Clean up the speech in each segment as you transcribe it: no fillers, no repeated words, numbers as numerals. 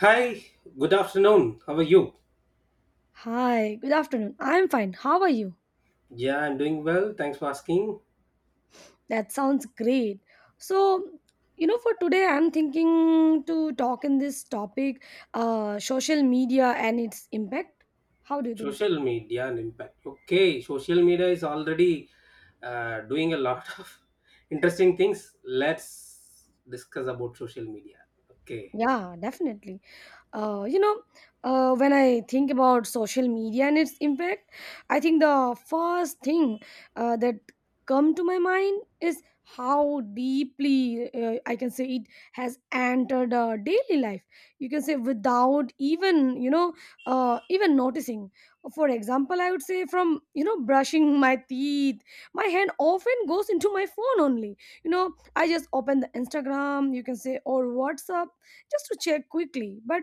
Hi, good afternoon. How are you? Hi, good afternoon. I'm fine. How are you? Yeah, I'm doing well. Thanks for asking. That sounds great. So, for today, I'm thinking to talk in this topic, social media and its impact. How do you think? Social media and impact. Okay, social media is already doing a lot of interesting things. Let's discuss about social media. Okay. Yeah, definitely. Uh, you know, when I think about social media and its impact, I think the first thing that come to my mind is how deeply I can say it has entered our daily life. You can say without even you know even noticing. For example, I would say from brushing my teeth, my hand often goes into my phone only. You know, I just open the Instagram, you can say, or WhatsApp just to check quickly, but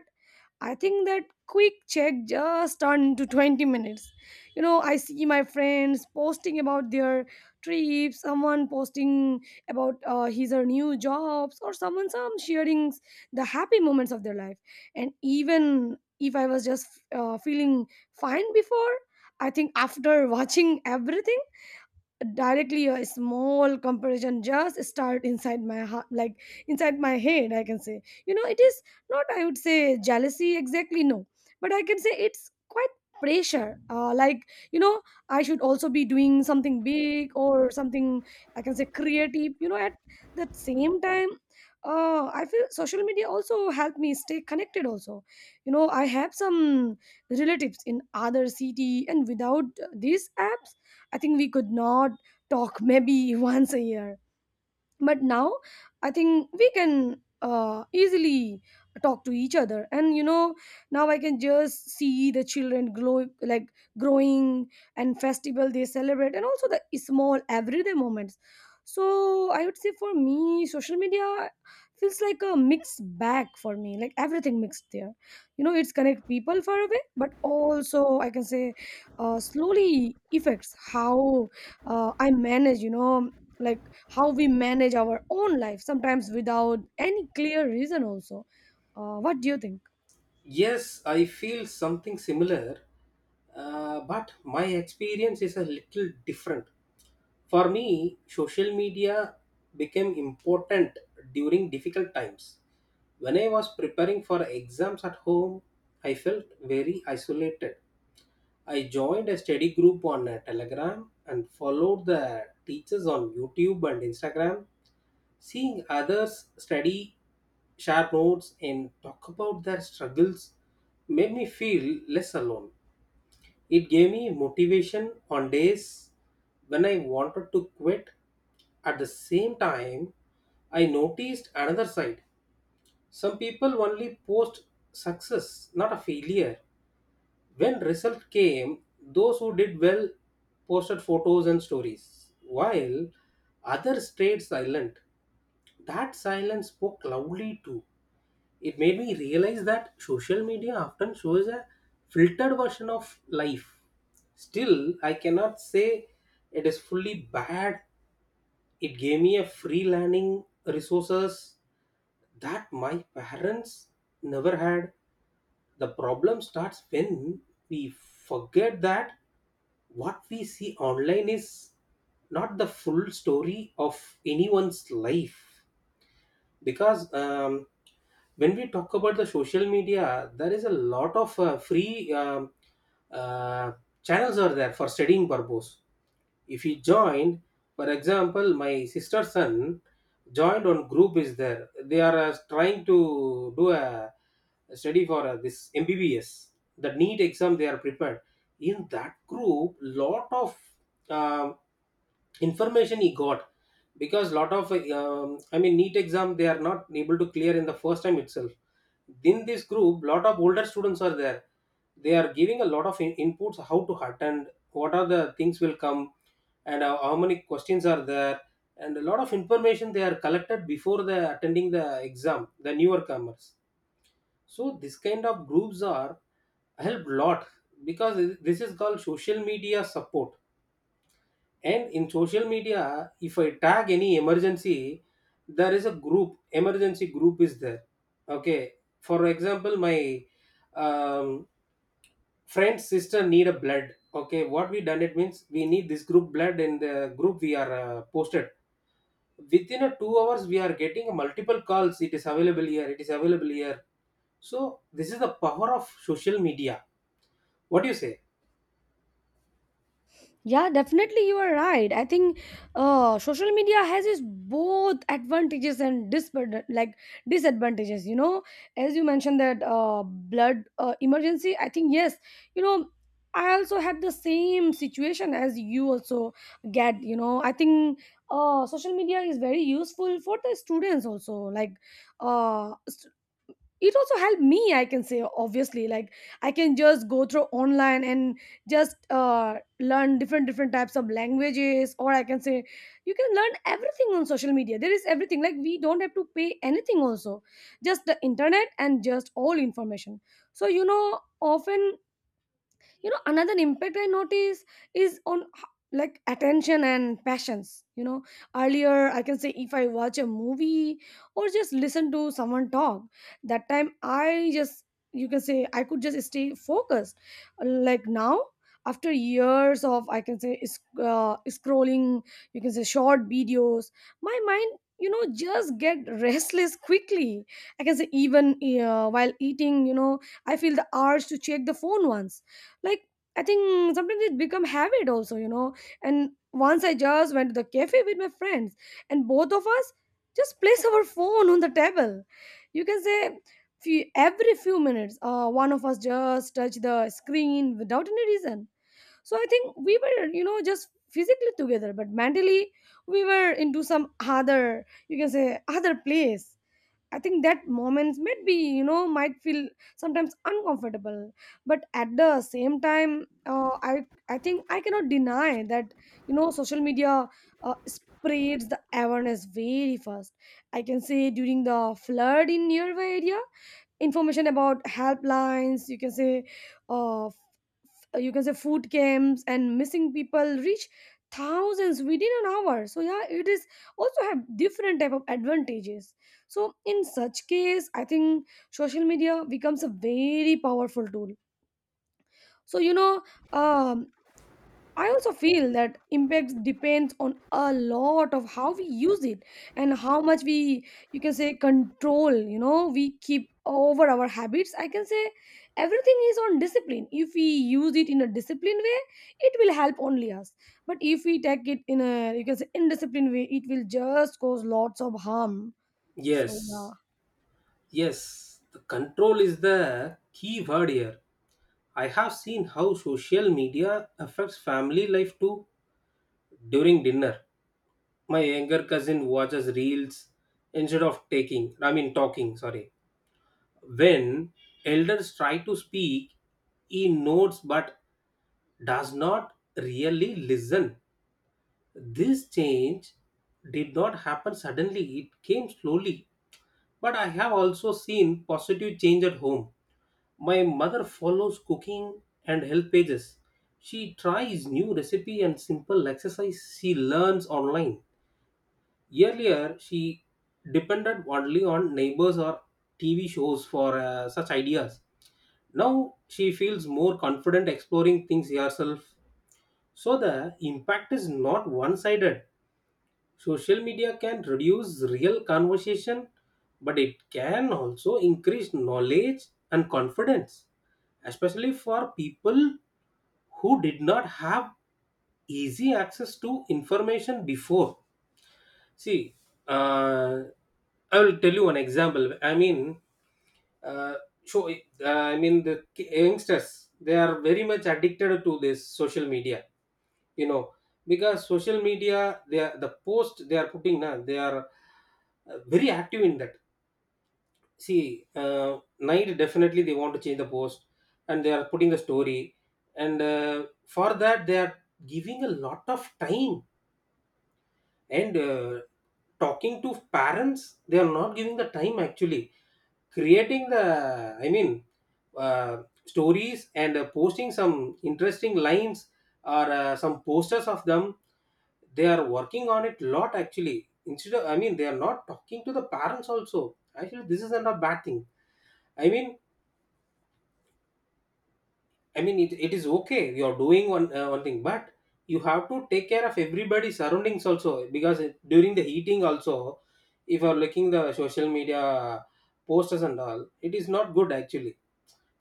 I think that quick check just turned to 20 minutes. You know, I see my friends posting about their trips, someone posting about his or new jobs, or someone some sharing the happy moments of their life. And even if I was just feeling fine before, I think after watching everything, directly a small comparison just start inside my heart, like inside my head, I can say, you know, it is not, I would say, jealousy exactly, no, but I can say it's quite pressure, like, you know, I should also be doing something big or something, I can say, creative, you know. At the same time, I feel social media also help me stay connected also. You know, I have some relatives in other city, and without these apps I think we could not talk maybe once a year, but now I think we can easily talk to each other. And you know, now I can just see the children glow, like growing, and festival they celebrate, and also the small everyday moments. So I would say for me social media feels like a mixed bag for me, like everything mixed there. You know, it's connect people far away, but also I can say slowly affects how I manage, you know, like how we manage our own life sometimes without any clear reason also. What do you think? Yes, I feel something similar, but my experience is a little different. For me, social media became important during difficult times. When I was preparing for exams at home, I felt very isolated. I joined a study group on Telegram and followed the teachers on YouTube and Instagram. Seeing others study, share notes, and talk about their struggles made me feel less alone. It gave me motivation on days when I wanted to quit. At the same time, I noticed another side. Some people only post success, not a failure. When result came, those who did well posted photos and stories, while others stayed silent. That silence spoke loudly too. It made me realize that social media often shows a filtered version of life. Still, I cannot say it is fully bad. It gave me a free learning resources that my parents never had. The problem starts when we forget that what we see online is not the full story of anyone's life because when we talk about the social media there is a lot of free uh, channels are there for studying purpose. If he joined, for example, my sister's son joined on group is there. They are trying to do a study for this mbbs, the NEET exam they are prepared. In that group lot of um, information he got because lot of I mean neat exam they are not able to clear in the first time itself. In this group lot of older students are there. They are giving a lot of inputs how to attend, what are the things will come and how many questions are there, and a lot of information they are collected before the attending the exam the newer comers. So this kind of groups are help lot because this is called social media support. And in social media, if I tag any emergency, there is a group, emergency group is there. Okay. For example, my um, friend's sister need a blood. Okay. What we done it means we need this group blood and the group we are posted. Within a 2 hours, we are getting multiple calls. It is available here. It is available here. So this is the power of social media. What do you say? Yeah, definitely, you are right. I think social media has its both advantages and disadvantages, you know. As you mentioned that blood emergency, I think yes, you know, I also had the same situation as you also get, you know. I think social media is very useful for the students also, like uh, it also helped me, I can say obviously, like I can just go through online and just learn different different types of languages, or I can say you can learn everything on social media. There is everything, like we don't have to pay anything also, just the internet and just all information. So you know, often, you know, another impact I notice is on attention and passions, you know. Earlier, I can say if I watch a movie or just listen to someone talk, that time I just, you can say, I could just stay focused. Like now, after years of, I can say, scrolling, you can say, short videos, my mind, you know, just get restless quickly. I can say even while eating, you know, I feel the urge to check the phone once. Like I think sometimes it become habit also, you know. And once I just went to the cafe with my friends, and both of us just place our phone on the table. You can say few, every few minutes one of us just touch the screen without any reason. So I think we were, you know, just physically together, but mentally we were into some other, you can say, other place. I think that moments might be, you know, might feel sometimes uncomfortable, but at the same time, I think I cannot deny that, you know, social media spreads the awareness very fast. I can say during the flood in nearby area, information about helplines, you can say, uh, you can say, food camps and missing people reach thousands within an hour. So yeah, it is also have different type of advantages. So in such case, I think social media becomes a very powerful tool. so you know um, I also feel that impact depends on a lot of how we use it, and how much we, you can say, control. You know, we keep over our habits. I can say everything is on discipline. If we use it in a disciplined way, it will help only us. But if we take it in a, you can say, indisciplined way, it will just cause lots of harm. So yeah, Yes. Yes. The control is the key word here. I have seen how social media affects family life too during dinner. My younger cousin watches reels instead of taking, I mean, talking, sorry. When elders try to speak, he notes but does not really listen. This change did not happen suddenly, it came slowly. But I have also seen positive change at home. My mother follows cooking and health pages. She tries new recipe and simple exercise she learns online. Earlier, she depended only on neighbors or TV shows for such ideas. Now, she feels more confident exploring things herself. So, the impact is not one sided. Social media can reduce real conversation, but it can also increase knowledge and confidence, especially for people who did not have easy access to information before. See, uh, I will tell you an example. I mean, uh, show. I mean, the youngsters they are very much addicted to this social media, you know, because social media they are the post they are putting now, they are very active in that. See, night definitely they want to change the post and they are putting the story, and for that they are giving a lot of time. And talking to parents they are not giving the time actually, creating the I mean stories and posting some interesting lines or some posters of them. They are working on it lot actually instead of I mean they are not talking to the parents also actually. This is not a bad thing, I mean, I mean it is okay, you are doing one one thing, but you have to take care of everybody surroundings also because during the heating also, if you are looking the social media posters and all, it is not good actually.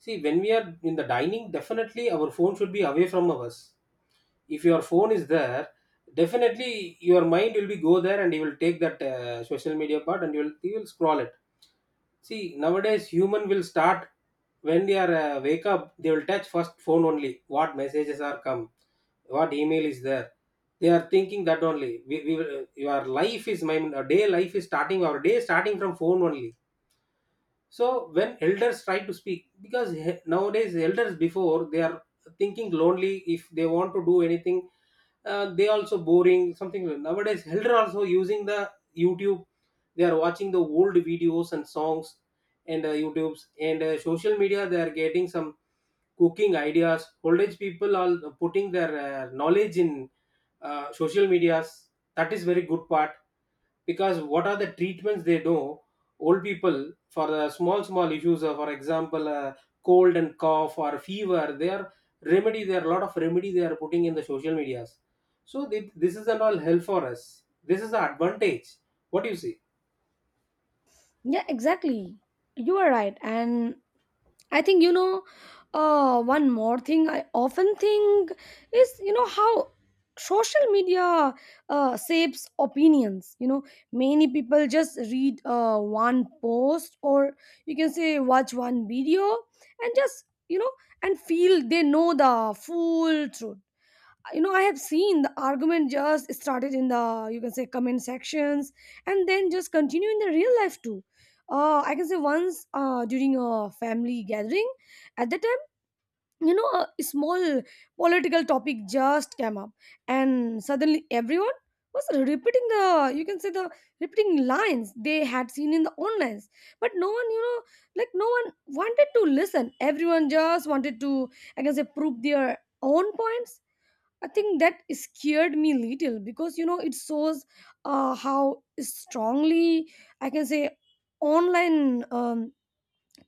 See, when we are in the dining, definitely our phone should be away from us. If your phone is there, definitely your mind will be go there and you will take that social media part and you will scroll it. See, nowadays human will start when they are wake up, they will touch first phone only. What messages are come, what email is there. They are thinking that only. We will, your life is my our day life is starting. Our day starting from phone only. So when elders try to speak because nowadays elders before they are thinking lonely. If they want to do anything, they also boring something like. Nowadays elder also using the YouTube, they are watching the old videos and songs, and youtubes and social media, they are getting some cooking ideas. Old age people are putting their knowledge in social medias. That is very good part because what are the treatments they know, old people for small small issues, for example, cold and cough or fever, they are remedy, there are a lot of remedy they are putting in the social medias. So this is an all help for us, this is the advantage. What do you see? yeah, exactly. You are right, and I think, you know, one more thing I often think is, you know, how social media shapes opinions. You know, many people just read one post, or you can say watch one video, and just, you know, and feel they know the full truth. You know, I have seen the argument just started in the, you can say, comment sections, and then just continue in the real life too. I can say once during a family gathering, at that time, you know, a small political topic just came up, and suddenly everyone was repeating the, you can say, the repeating lines they had seen in the online. But no one, you know, like no one wanted to listen. Everyone just wanted to, I can say, prove their own points. I think that scared me little, because you know it shows how strongly I can say online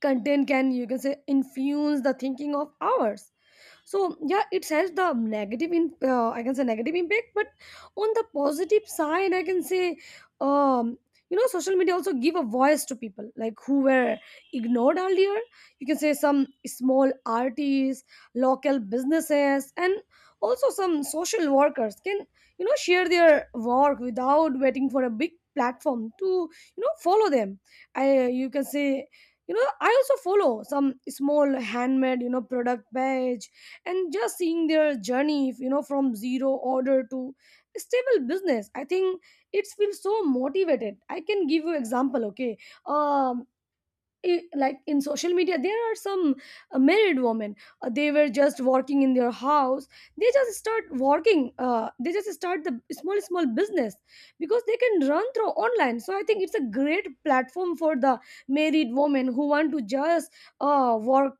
content can, you can say, influence the thinking of ours. So yeah, it has the negative in, I can say, negative impact. But on the positive side, I can say, um, you know, social media also give a voice to people like who were ignored earlier. You can say some small artists, local businesses, and also some social workers can, you know, share their work without waiting for a big platform to, you know, follow them. I, you can say, you know, I also follow some small handmade, you know, product page. And just seeing their journey, you know, from zero order to stable business, I think it feels so motivated. I can give you example. Okay, um, like in social media there are some married women, they were just working in their house. They just start working, they just start the small small business, because they can run through online. So I think it's a great platform for the married women who want to just work,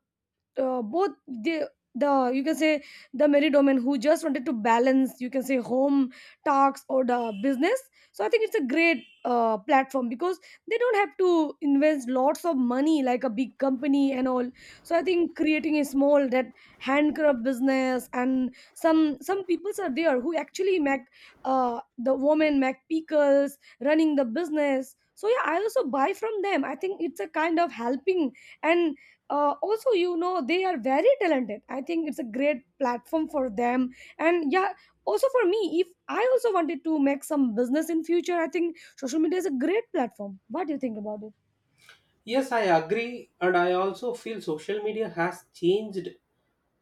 both the you can say, the married women who just wanted to balance, you can say, home tasks or the business. So I think it's a great platform, because they don't have to invest lots of money like a big company and all. So I think creating a small that handcraft business, and some peoples are there who actually make the woman make pickles running the business. So yeah, I also buy from them. I think it's a kind of helping. And also, you know, they are very talented. I think it's a great platform for them. And yeah, also for me, if I also wanted to make some business in future, I think social media is a great platform. What do you think about it? Yes, I agree and I also feel social media has changed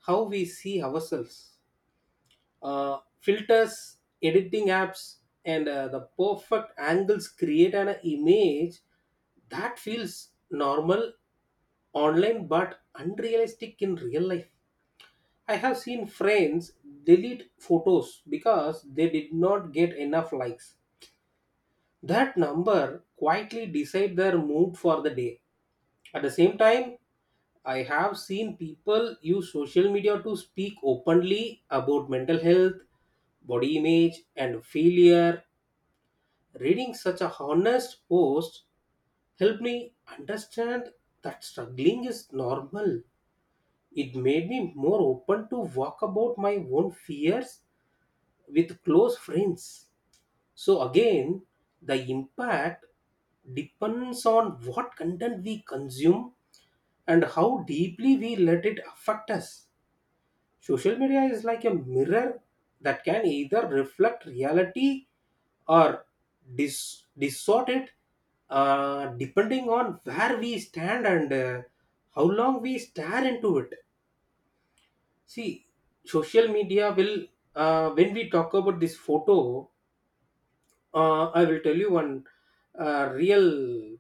how we see ourselves. Filters, editing apps, and the perfect angles create an image that feels normal online but unrealistic in real life. I have seen friends delete photos because they did not get enough likes. That number quietly decide their mood for the day. At the same time, I have seen people use social media to speak openly about mental health, body image, and failure. Reading such a honest post helped me understand that struggling is normal. It made me more open to talk about my own fears with close friends. So again, the impact depends on what content we consume and how deeply we let it affect us. Social media is like a mirror that can either reflect reality or distort it, depending on where we stand and how long we stare into it. See, social media will, when we talk about this photo, I will tell you one real,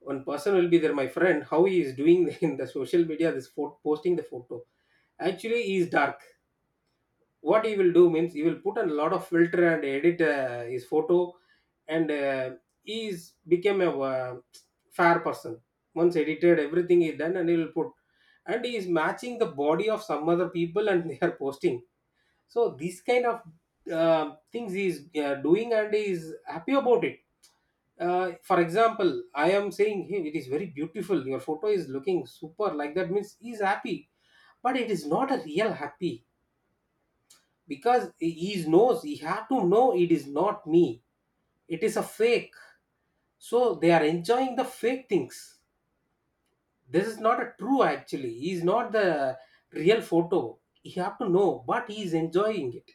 one person will be there, my friend, how he is doing in the social media, this photo, posting the photo. Actually, he is dark. What he will do means he will put a lot of filter and edit his photo, and he's became a fair person. Once edited everything is done, and he will put, and he is matching the body of some other people and they are posting. So these kind of uh, things he is doing, and he is happy about it. For example, I am saying hey it is very beautiful, your photo is looking super, like that means he is happy. But it is not a real happy because he knows, he had to know it is not me, it is a fake. So they are enjoying the fake things. This is not a true, actually he is not the real photo, he have to know, but he is enjoying it.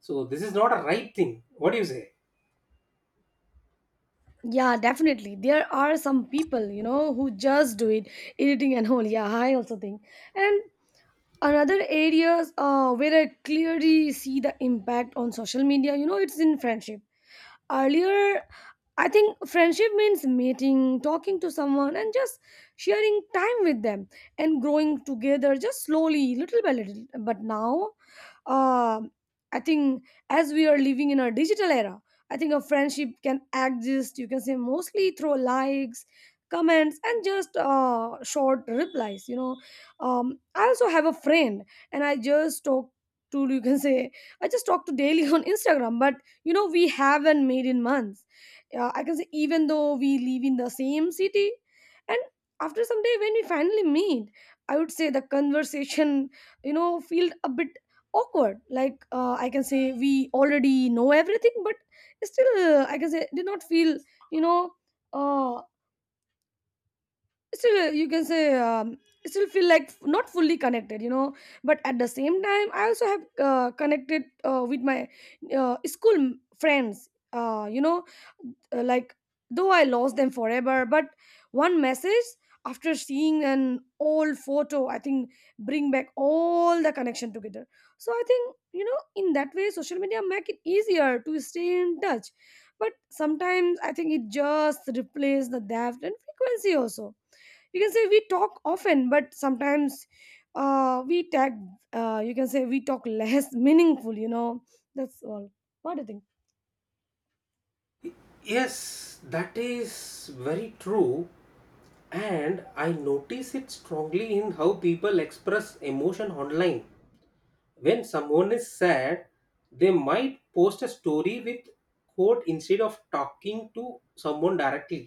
So this is not a right thing. What do you say? Yeah, definitely there are some people, you know, who just do it, editing and all, yeah, I also think. And another areas where I clearly see the impact on social media, you know, it's in friendship. Earlier, I think friendship means meeting, talking to someone, and just sharing time with them and growing together just slowly, little by little. But now, um, I think as we are living in a digital era, I think a friendship can exist. You can say mostly through likes, comments, and just short replies. You know, I also have a friend, and I just talk to, you can say I just talk to daily on Instagram, but you know we haven't made in months, I can say, even though we live in the same city and after some day when we finally meet, I would say the conversation, you know, feel a bit awkward, like I can say we already know everything but still, I can say, did not feel, you know uh, still you can say still feel like not fully connected, you know. But at the same time I also have connected with my school friends, like, though I lost them forever, but one message after seeing an old photo, I think, bring back all the connection together. So I think, you know, in that way social media make it easier to stay in touch, but sometimes I think it just replaces the depth and frequency also. You can say we talk often, but sometimes we tag, you can say we talk less meaningful, you know, that's all. What do you think? Yes, that is very true, and I notice it strongly in how people express emotion online. When someone is sad, they might post a story with quote instead of talking to someone directly.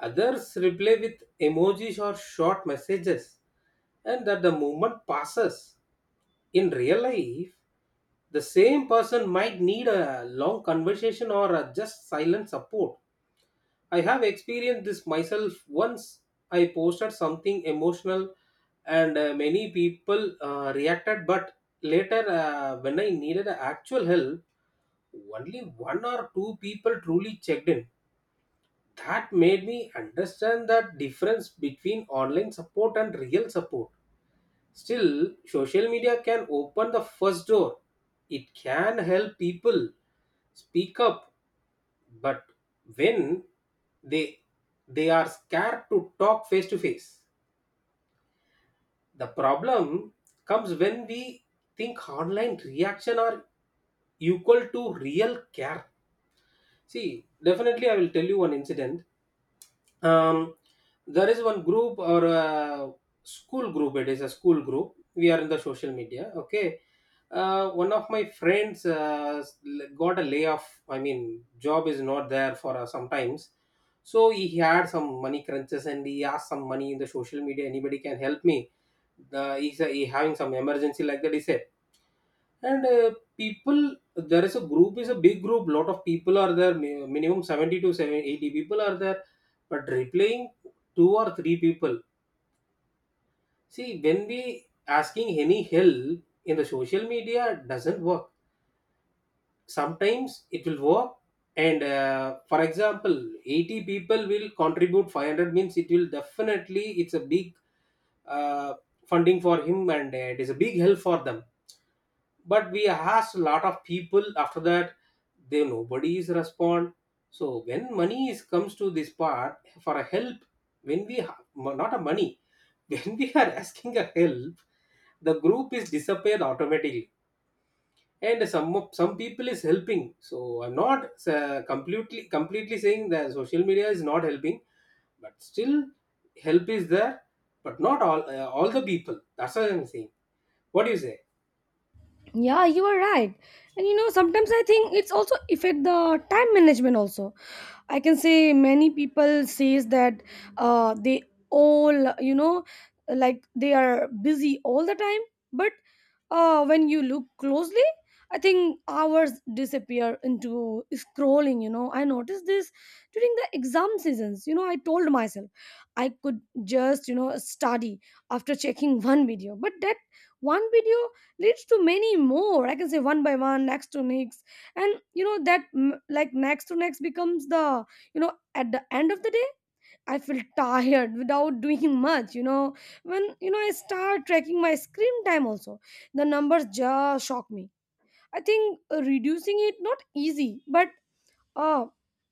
Others reply with emojis or short messages, and that the moment passes. In real life, the same person might need a long conversation or a just silent support. I have experienced this myself once. I posted something emotional and many people reacted, but later, when I needed actual help, only one or two people truly checked in. That made me understand the difference between online support and real support. Still, social media can open the first door, it can help people speak up, but when they they are scared to talk face to face, the problem comes when we think online reaction are equal to real care. See, definitely I will tell you one incident. um, there is one group or a school group, it is a school group we are in the social media, okay. One of my friends got a layoff, I mean job is not there for sometimes. So he had some money crunches and he asked some money in the social media, anybody can help me. Uh, he's, he having some emergency like that, he said. And people, there is a group, is a big group. Lot of people are there. Minimum 70 to 70, 80 people are there. But replying two or three people. See, when we asking any help in the social media doesn't work. Sometimes it will work. And for example, 80 people will contribute 500 means it will definitely, it's a big uh, funding for him, and it is a big help for them, but we asked a lot of people after that, they nobody is respond. So when money is comes to this part for a help, when we not a money, when we are asking a help, the group is disappeared automatically. And some people is helping, so I'm not completely saying that social media is not helping, but still help is there, but not all the people, that's what I'm saying. What do you say? Yeah, you are right. And you know, sometimes I think it's also affect the time management also. I can say many people says that they all, you know, like they are busy all the time, but when you look closely, I think hours disappear into scrolling. You know, I noticed this during the exam seasons. You know, I told myself I could just, you know, study after checking one video, but that one video leads to many more. I can say one by one, next to next, and you know that like next to next becomes the, you know, at the end of the day I feel tired without doing much, you know. When, you know, I start tracking my screen time also, the numbers just shock me. I think reducing it not easy, but uh,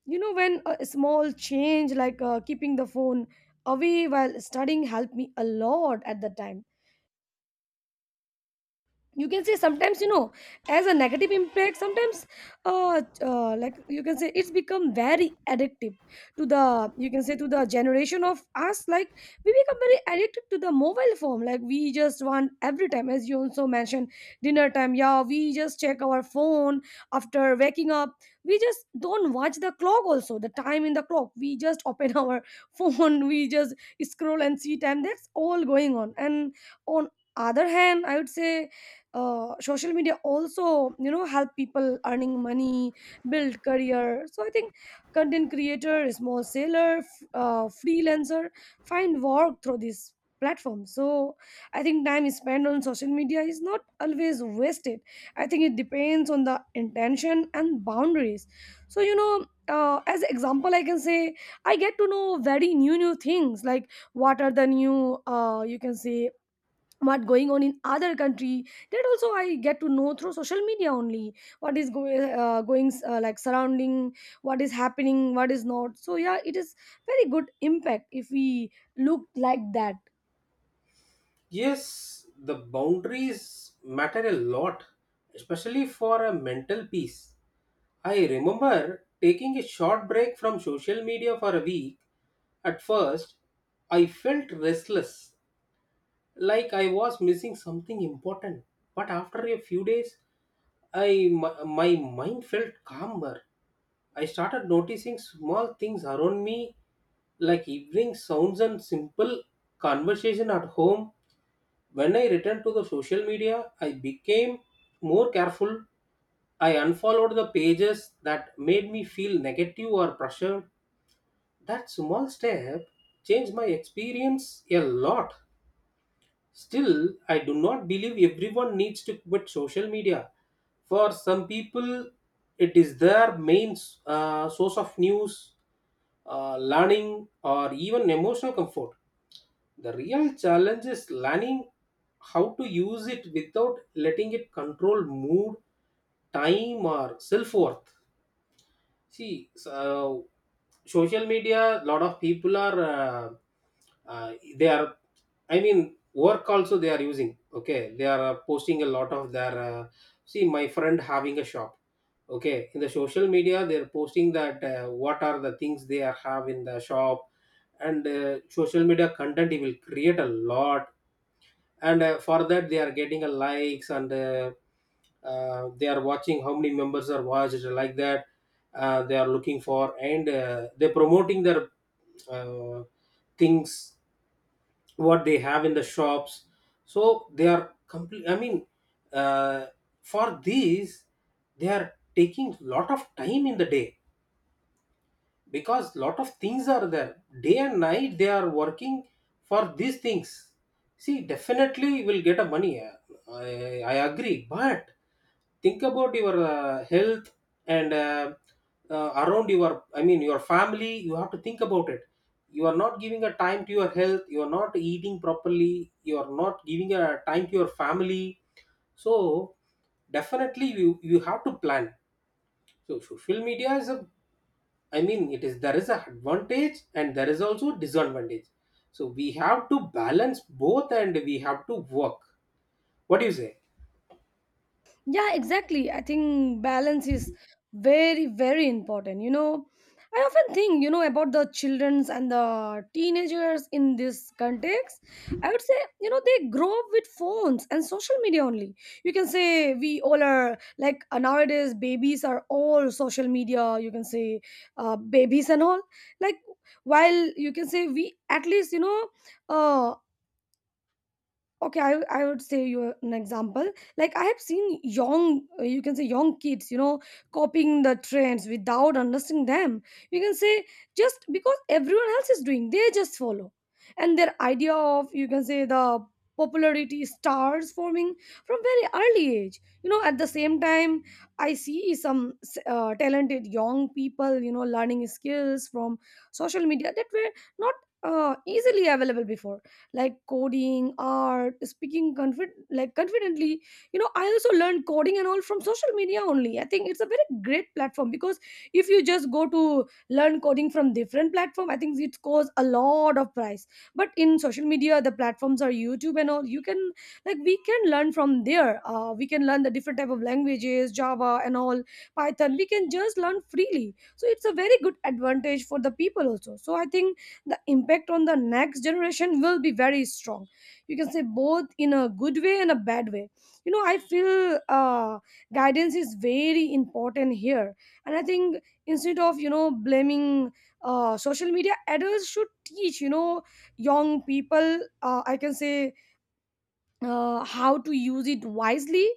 you know, when a small change like keeping the phone away while studying helped me a lot at the time. You can say sometimes, you know, as a negative impact sometimes, like you can say it's become very addictive to the, you can say, to the generation of us, like we become very addicted to the mobile phone, like we just want every time, as you also mentioned, dinner time, yeah, we just check our phone. After waking up we just don't watch the clock also, the time in the clock we just open our phone, we just scroll and see time, that's all going on and on. Other hand, I would say social media also, you know, help people earning money, build career. So I think content creator, small seller, freelancer find work through this platform. So I think time spent on social media is not always wasted. I think it depends on the intention and boundaries. So you know, as example I can say, I get to know very new new things like what are the new, you can say, what going on in other country, that also I get to know through social media only. What is going like surrounding, what is happening, what is not. So yeah, it is very good impact if we look like that. Yes, the boundaries matter a lot, especially for a mental peace. I remember taking a short break from social media for a week. At first, I felt restless, like I was missing something important. But after a few days, my mind felt calmer. I started noticing small things around me, like evening sounds and simple conversation at home. When I returned to the social media, I became more careful. I unfollowed the pages that made me feel negative or pressured. That small step changed my experience a lot. Still, I do not believe everyone needs to quit social media. For some people, it is their main source of news, learning, or even emotional comfort. The real challenge is learning how to use it without letting it control mood, time, or self worth. See, so social media, lot of people are, they are, I mean, work also they are using. Okay, they are posting a lot of their. See, my friend having a shop. Okay, in the social media, they are posting that what are the things they are have in the shop, and social media content he will create a lot, and for that they are getting a likes, and they are watching how many members are watched like that, they are looking for, and they're promoting their uh, things what they have in the shops. So they are complete, I mean, uh, for these they are taking lot of time in the day, because lot of things are there, day and night they are working for these things. See, definitely will get a money, i, I agree, but think about your health, and around your, I mean your family, you have to think about it. You are not giving a time to your health, you are not eating properly, you are not giving a time to your family. So definitely you have to plan. So social media is a, I mean, it is there is a advantage and there is also disadvantage. So we have to balance both and we have to work. What do you say? Yeah, exactly. I think balance is very, very important. You know, I often think, you know, about the childrens and the teenagers in this context. I would say, you know, they grow up with phones and social media only. You can say we all are like nowadays, babies are all social media. You can say babies and all. Like, while you can say we at least, you know, uh, okay, I would say you an example. Like I have seen young, you can say young kids, you know, copying the trends without understanding them. You can say just because everyone else is doing, they just follow, and their idea of, you can say, the popularity stars forming from very early age. You know, at the same time, I see some talented young people, you know, learning skills from social media that were not easily available before, like coding, art, speaking like confidently. You know, I also learned coding and all from social media only. I think it's a very great platform because if you just go to learn coding from different platform, I think it costs a lot of price. But in social media the platforms are YouTube and all, you can, like we can learn from there, we can learn the different type of languages, Java and all, Python, we can just learn freely. So it's a very good advantage for the people also. So I think the impact on the next generation will be very strong. You can say both in a good way and a bad way. You know, I feel guidance is very important here. And I think instead of, you know, blaming social media, adults should teach, you know, young people, I can say, how to use it wisely.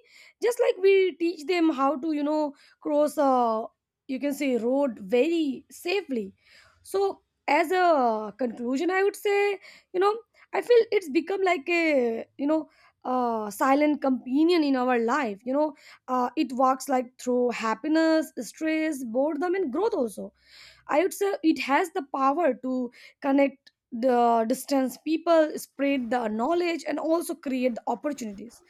Just like we teach them how to, you know, cross a, you can say, road very safely. So as a conclusion, I would say, you know, I feel it's become like a, you know, a silent companion in our life. You know, it works like through happiness, stress, boredom and growth also. I would say it has the power to connect the distance people, spread the knowledge, and also create the opportunities.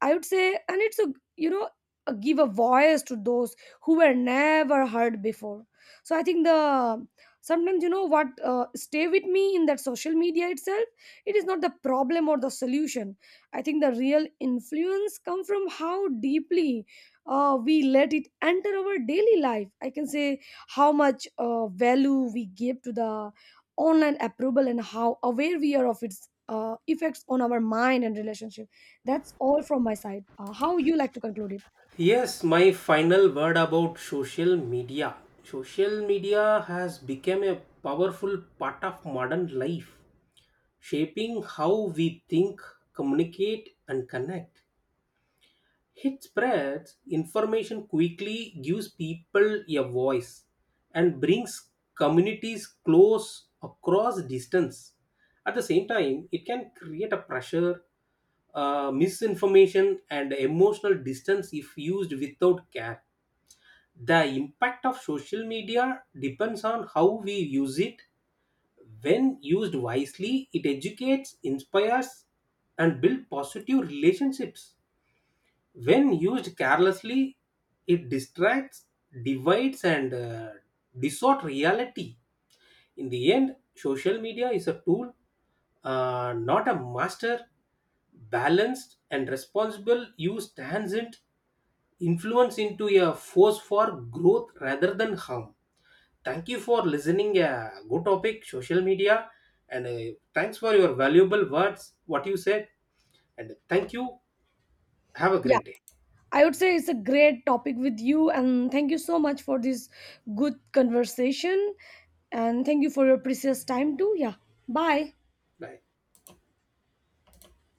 I would say, and it's a, you know, give a voice to those who were never heard before. So I think the sometimes you know what stay with me in that social media itself. It is not the problem or the solution. I think the real influence come from how deeply we let it enter our daily life. I can say how much value we give to the online approval and how aware we are of its effects on our mind and relationship. That's all from my side. How you like to conclude it? Yes, my final word about social media. Social media has become a powerful part of modern life, shaping how we think, communicate, and connect. It spreads information quickly, gives people a voice, and brings communities close across distance. At the same time, it can create a pressure, misinformation, and emotional distance if used without care. The impact of social media depends on how we use it. When used wisely, it educates, inspires, and builds positive relationships. When used carelessly, it distracts, divides, and distort reality. In the end, social media is a tool, not a master. Balanced and responsible use transient influence into a force for growth rather than harm. Thank you for listening. A good topic, social media, and thanks for your valuable words. What you said, and thank you. Have a Yeah, great day. I would say it's a great topic with you, and thank you so much for this good conversation, and thank you for your precious time too. Yeah, bye. Bye.